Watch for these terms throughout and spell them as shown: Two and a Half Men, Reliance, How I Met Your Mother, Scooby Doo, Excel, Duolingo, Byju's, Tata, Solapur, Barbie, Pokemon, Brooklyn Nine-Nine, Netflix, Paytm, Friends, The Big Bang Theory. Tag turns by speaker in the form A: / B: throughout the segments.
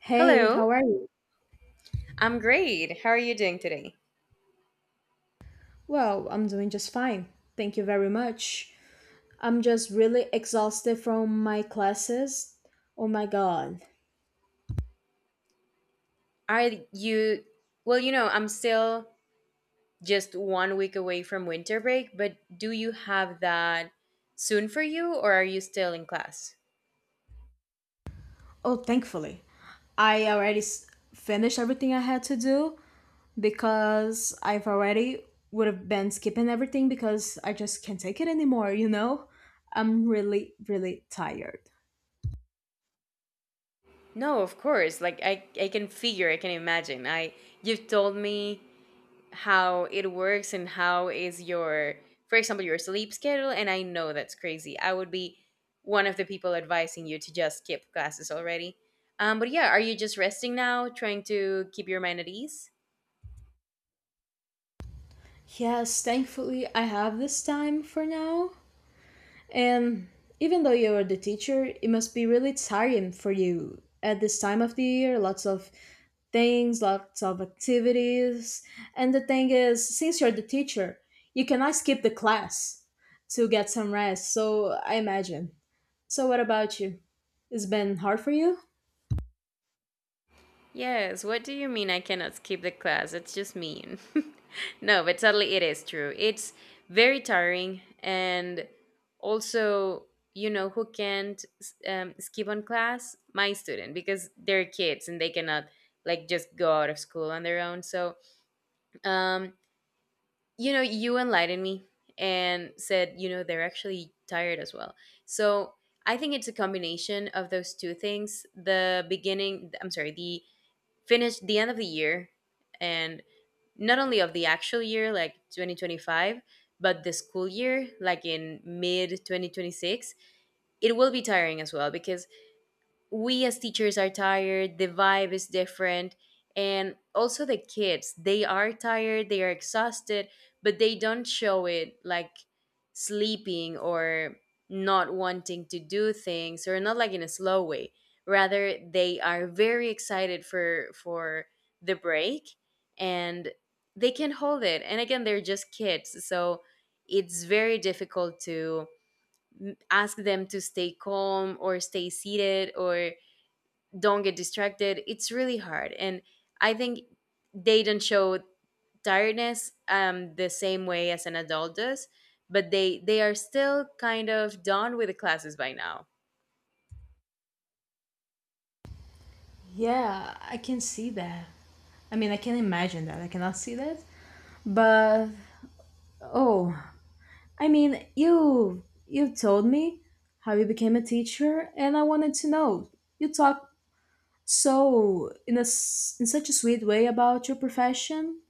A: Hey,
B: Hello,
A: how are you?
B: I'm great. How are you doing today?
A: Well, I'm doing just fine. Thank you very much. I'm just really exhausted from my classes. Oh my god.
B: Are you, well, I'm still just one week away from winter break, but do you have that soon for you or are you still in class?
A: Oh, thankfully. I already s- finished everything I had to do because I've already would have been skipping everything because I just can't take it anymore, you know? I'm really, really tired.
B: No, of course. Like I can figure, I can imagine. I, you've told me how it works and how is your for example your sleep schedule, and I know that's crazy. I would be one of the people advising you to just skip classes already. But yeah, are you just resting now trying to keep your mind at ease?
A: Yes, thankfully I have this time for now. And even though you're the teacher, it must be really tiring for you at this time of the year. Lots of things, lots of activities. And the thing is, since you're the teacher, you cannot skip the class to get some rest. So I imagine. So, what about you? It's been hard for you?
B: Yes, what do you mean I cannot skip the class? It's just mean. No, but totally it is true. It's very tiring and also, who can't skip on class? My student because they're kids and they cannot like just go out of school on their own. So, um, you know, you enlightened me and said, you know, they're actually tired as well. So, I think it's a combination of those two things. The beginning, I'm sorry, the finished the end of the year, and not only of the actual year like 2025 but the school year like in mid 2026. It will be tiring as well because we as teachers are tired, the vibe is different, and also the kids, they are tired, they are exhausted, but they don't show it like sleeping or not wanting to do things or not like in a slow way. Rather, they are very excited for the break, and they can hold it, and again, they're just kids. So it's very difficult to ask them to stay calm or stay seated or don't get distracted. It's really hard. And I think they don't show tiredness the same way as an adult does, but they are still kind of done with the classes by now.
A: Yeah, I can see that. I mean, I can imagine that. I cannot see that. But, oh, I mean, you told me how you became a teacher, and I wanted to know. You talked so in such a sweet way about your profession.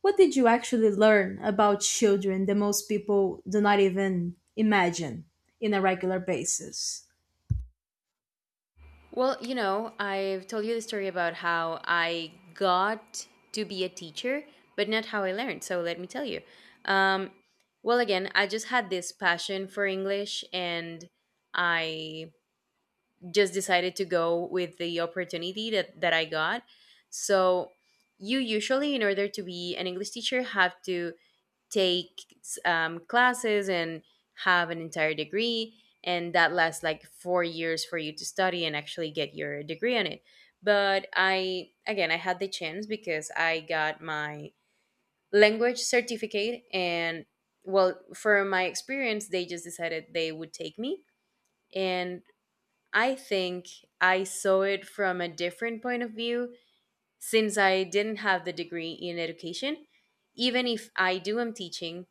A: What did you actually learn about children that most people do not even imagine in a regular basis?
B: Well, you know, I've told you the story about how I got to be a teacher, but not how I learned. So let me tell you. um well, again, I just had this passion for English, and I just decided to go with the opportunity that I got. So, you usually, in order to be an English teacher, have to take classes and have an entire degree. And that lasts like four years for you to study and actually get your degree on it. But I, again, I had the chance because I got my language certificate. And well, for my experience, they just decided they would take me. And I think I saw it from a different point of view since I didn't have the degree in education. Even if I do am teaching,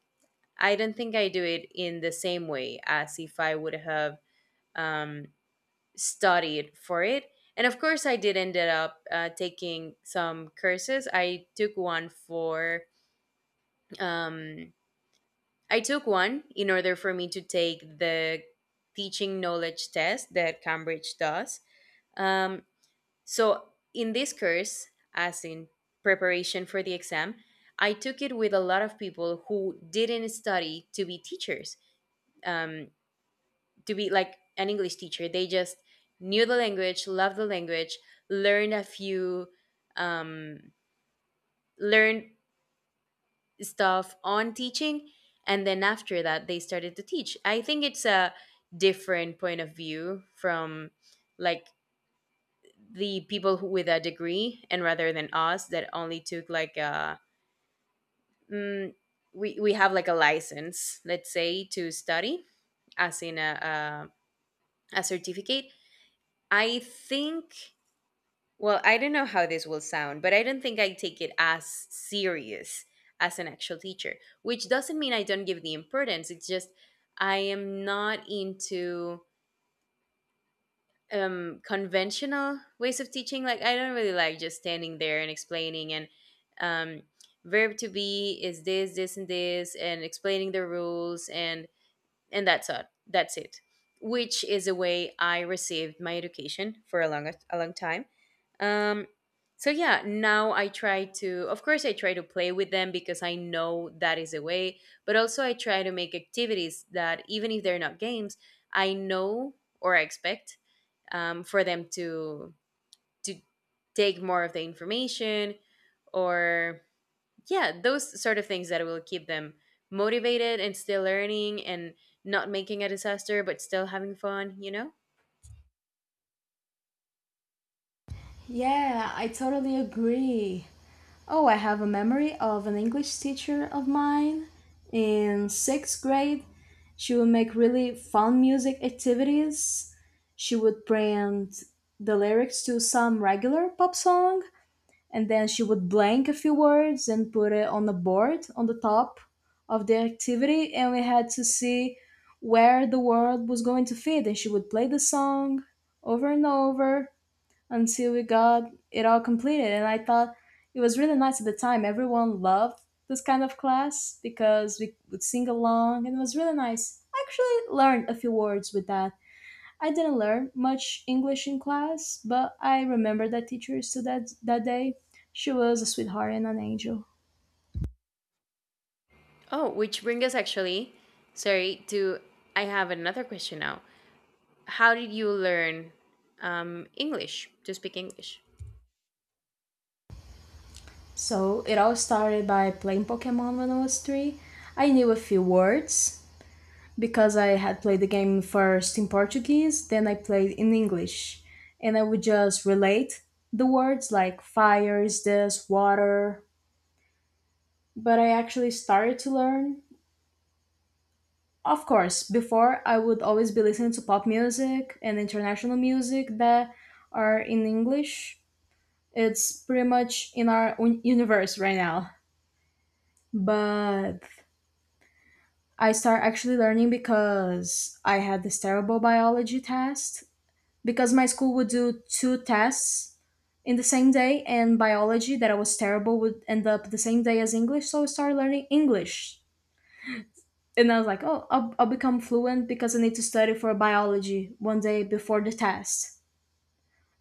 B: I don't think I do it in the same way as if I would have um, studied for it. And of course, I did ended up taking some courses. I took one for um, I took one in order for me to take the teaching knowledge test that Cambridge does. Um, So, in this course, as in preparation for the exam, I took it with a lot of people who didn't study to be teachers, um, to be like an English teacher. They just knew the language, loved the language, learned a few, um, learned stuff on teaching, and then after that, they started to teach. I think it's a different point of view from like the people who, with a degree, and rather than us that only took like a mm, we have like a license, let's say, to study, as in a certificate. I think, well, I don't know how this will sound, but I don't think I take it as serious as an actual teacher, which doesn't mean I don't give the importance. It's just I am not into conventional ways of teaching. Like I don't really like just standing there and explaining and um verb to be is this and this, and explaining the rules, and that's it, which is a way I received my education for a long time. um so yeah, now I try to, of course, I try to play with them because I know that is a way, but also I try to make activities that even if they're not games, I know, or I expect for them to take more of the information, or yeah, those sort of things that will keep them motivated and still learning and not making a disaster but still having fun, you know.
A: Yeah, I totally agree. Oh, I have a memory of an English teacher of mine in sixth grade. She would make really fun music activities. She would print the lyrics to some regular pop song and then she would blank a few words and put it on the board on the top of the activity. And we had to see where the word was going to fit. And she would play the song over and over until we got it all completed. And I thought it was really nice at the time. Everyone loved this kind of class because we would sing along and it was really nice. I actually learned a few words with that. I didn't learn much English in class, but I remember that teacher still that day. She was a sweetheart and an angel.
B: Oh, which brings us actually, sorry to, I have another question now. How did you learn English, to speak English?
A: So it all started by playing Pokemon when I was 3. I knew a few words because I had played the game first in Portuguese, then I played in English. And I would just relate the words like fire is this, water. But I actually started to learn. Of course, before I would always be listening to pop music and international music that are in English. It's pretty much in our universe right now. But I start actually learning because I had this terrible biology test because my school would do two tests in the same day, and biology that I was terrible would end up the same day as English, so I started learning English and I was like, oh, I'll become fluent because I need to study for biology 1 day before the test.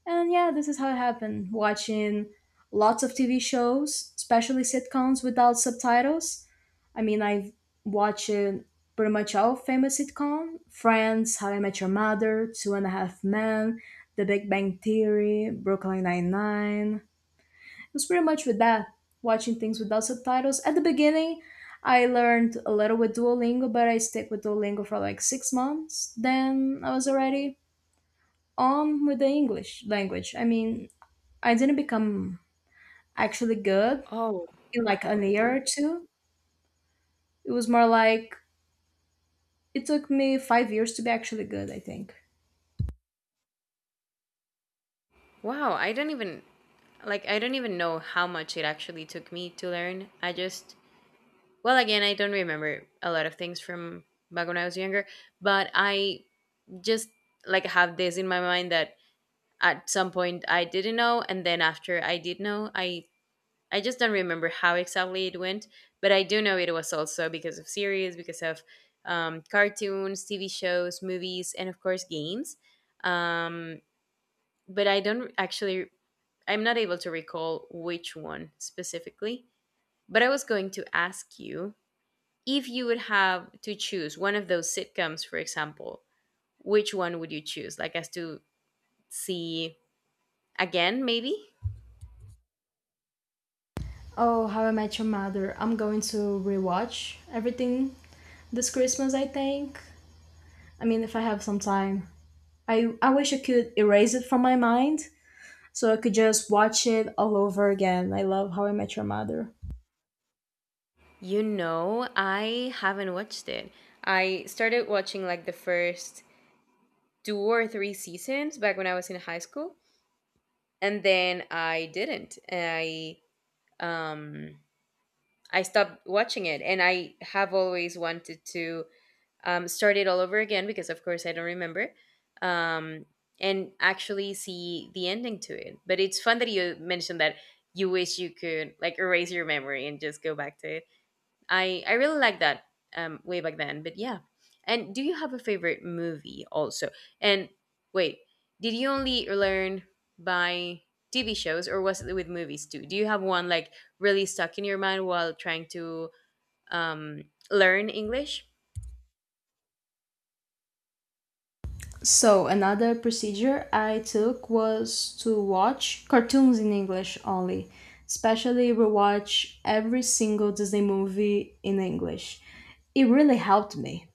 A: And yeah, this is how it happened, watching lots of TV shows, especially sitcoms without subtitles. I mean, I've watched pretty much all famous sitcom: Friends, How I Met Your Mother, Two and a Half Men, The Big Bang Theory, Brooklyn Nine-Nine. It was pretty much with that, watching things without subtitles. At the beginning, I learned a little with Duolingo, but I stick with Duolingo for like 6 months. Then I was already on with the English language. I mean, I didn't become actually good
B: Oh,
A: in like a year or two. It was more like it took me 5 years to be actually good, I think.
B: wow, I don't even, like I don't even know how much it actually took me to learn. I just, well, again, I don't remember a lot of things from back when I was younger, but I just like have this in my mind that at some point I didn't know, and then after I did know, I just don't remember how exactly it went. But I do know it was also because of series, because of cartoons, TV shows, movies, and of course games. um, but I don't actually, I'm not able to recall which one specifically. But I was going to ask you, if you would have to choose one of those sitcoms, for example, which one would you choose? Like, as to see again, maybe?
A: Oh, How I Met Your Mother. I'm going to rewatch everything this Christmas, I think. I mean, if I have some time. I wish I could erase it from my mind so I could just watch it all over again. I love How I Met Your Mother.
B: You know, I haven't watched it. I started watching like the first two or three seasons back when I was in high school, and then I didn't. Um I stopped watching it, and I have always wanted to start it all over again because, of course, I don't remember, um, and actually see the ending to it. But it's fun that you mentioned that you wish you could like erase your memory and just go back to it. I really like that way back then. But yeah, and do you have a favorite movie also? And wait, did you only learn by TV shows, or was it with movies too? Do you have one like really stuck in your mind while trying to um, learn English?
A: So, another procedure I took was to watch cartoons in English only, especially rewatch every single Disney movie in English. It really helped me.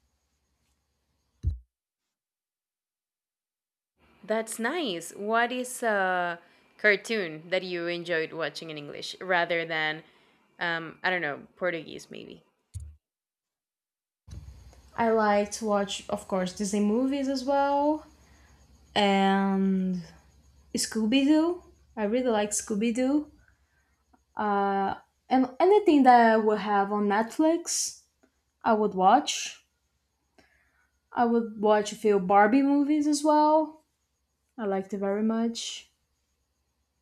B: That's nice. What is a cartoon that you enjoyed watching in English rather than, I don't know, Portuguese maybe?
A: I like to watch, of course, Disney movies as well, and Scooby Doo. I really like Scooby Doo. Uh, and anything that I would have on Netflix, I would watch. I would watch a few Barbie movies as well. I liked it very much.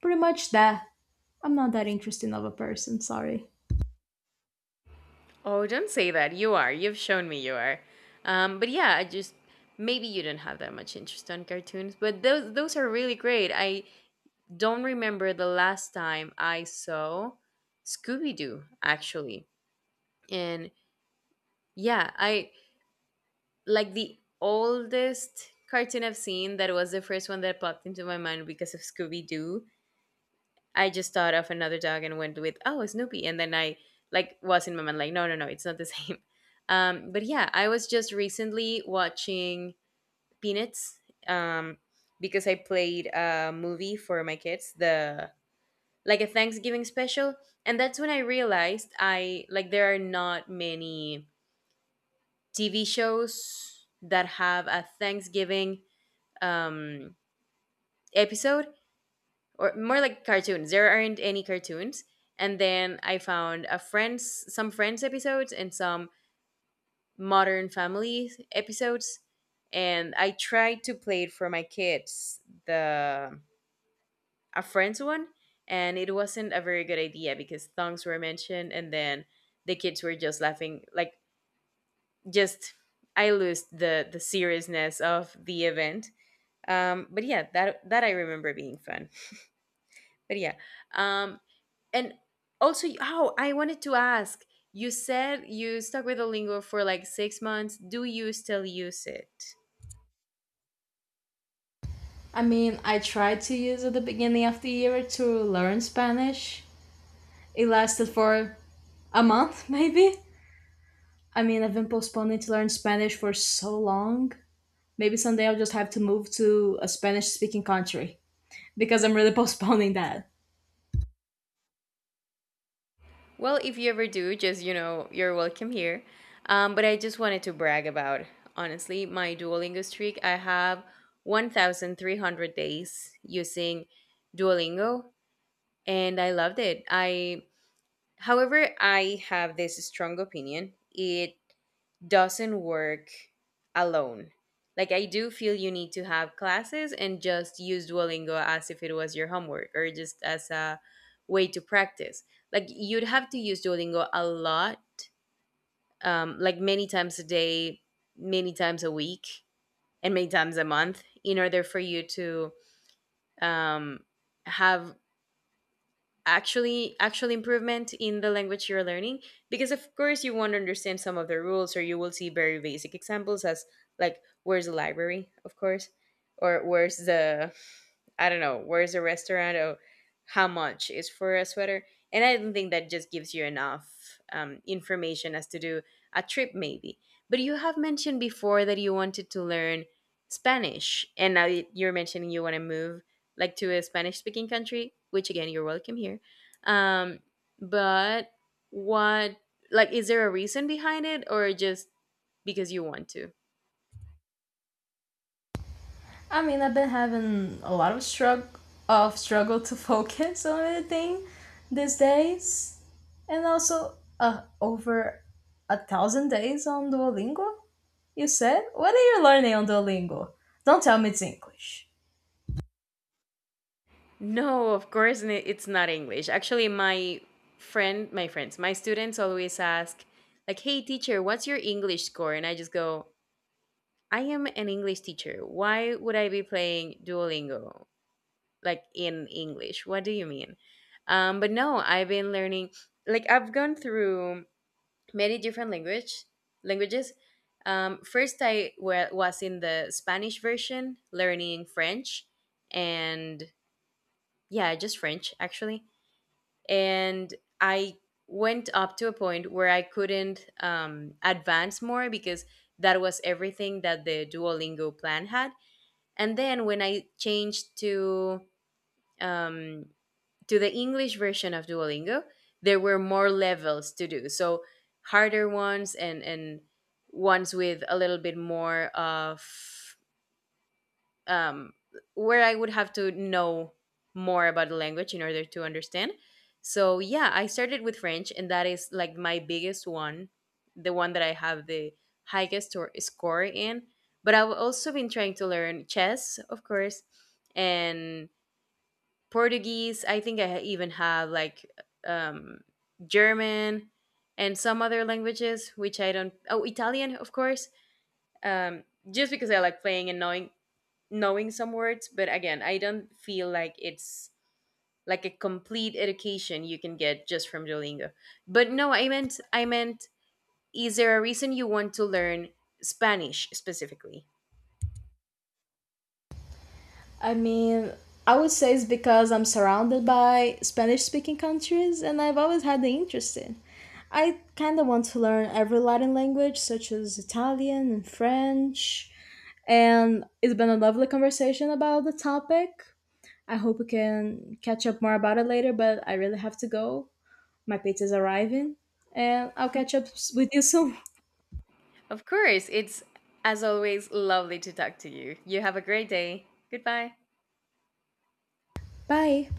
A: Pretty much that. I'm not that interesting of a person, sorry.
B: Oh, don't say that. You are. You've shown me you are. But yeah, I just, maybe you don't have that much interest on cartoons, but those are really great. I don't remember the last time I saw Scooby Doo actually, and yeah, I like the oldest cartoon I've seen, that was the first one that popped into my mind because of Scooby Doo. I just thought of another dog and went with, oh, Snoopy, and then I like was in my mind like, no, no, no, it's not the same. But yeah, I was just recently watching Peanuts um, because I played a movie for my kids, the like a Thanksgiving special, and that's when I realized, I like there are not many TV shows that have a Thanksgiving um, episode, or more like cartoons. There aren't any cartoons. And then I found a Friends, some Friends episodes and some Modern Family episodes. And I tried to play it for my kids, the a Friends one, and it wasn't a very good idea because thongs were mentioned, and then the kids were just laughing, like just, I lose the seriousness of the event. But yeah, that I remember being fun. But yeah, um, and also, oh, I wanted to ask. You said you stuck with Duolingo for like six months. Do you still use it?
A: I mean, I tried to use at the beginning of the year to learn Spanish. It lasted for a month, maybe. I mean, I've been postponing to learn Spanish for so long. Maybe someday I'll just have to move to a Spanish speaking country because I'm really postponing that.
B: Well, if you ever do, just you know, you're welcome here. But I just wanted to brag about honestly my Duolingo streak. I have 1,300 days using Duolingo, and I loved it. I, however, I have this strong opinion. It doesn't work alone. Like I do feel you need to have classes and just use Duolingo as if it was your homework or just as a way to practice. Like you'd have to use Duolingo a lot, like many times a day, many times a week, and many times a month in order for you to um, have actual improvement in the language you're learning, because of course you won't understand some of the rules, or you will see very basic examples as like, where's the library, of course, or where's the, I don't know, where's the restaurant, or how much is for a sweater. And I don't think that just gives you enough information as to do a trip maybe. But you have mentioned before that you wanted to learn Spanish, and now you're mentioning you want to move like to a Spanish speaking country, which again, you're welcome here. Um, but what, like, is there a reason behind it or just because you want to?
A: I mean, I've been having a lot of struggle to focus on anything these days, and also over 1,000 days on Duolingo. You said, what are you learning on Duolingo? Don't tell me it's English.
B: No, of course, it's not English. Actually, my my friends, my students always ask, like, hey, teacher, what's your English score? And I just go, I am an English teacher. Why would I be playing Duolingo, like, in English? What do you mean? But no, I've been learning, like, I've gone through many different languages. First, I wa was in the Spanish version, learning French, and yeah, just French actually. And I went up to a point where I couldn't advance more because that was everything that the Duolingo plan had. And then when I changed um, to the English version of Duolingo, there were more levels to do. So harder ones, and ones with a little bit more of um, where I would have to know more about the language in order to understand. So yeah, I started with French, and that is like my biggest one, the one that I have the highest or score in. But I've also been trying to learn chess, of course, and Portuguese. I think I even have like um, German and some other languages, which I don't. Oh, Italian, of course. Um, just because I like playing and knowing some words, but again, I don't feel like it's like a complete education you can get just from Duolingo. But no, I meant, is there a reason you want to learn Spanish specifically?
A: I mean, I would say it's because I'm surrounded by Spanish speaking countries and I've always had the interest in. I kind of want to learn every Latin language, such as Italian and French. And it's been a lovely conversation about the topic. I hope we can catch up more about it later, but I really have to go. My pizza's arriving, and I'll catch up with you soon.
B: Of course, it's as always lovely to talk to you. You have a great day. Goodbye.
A: Bye.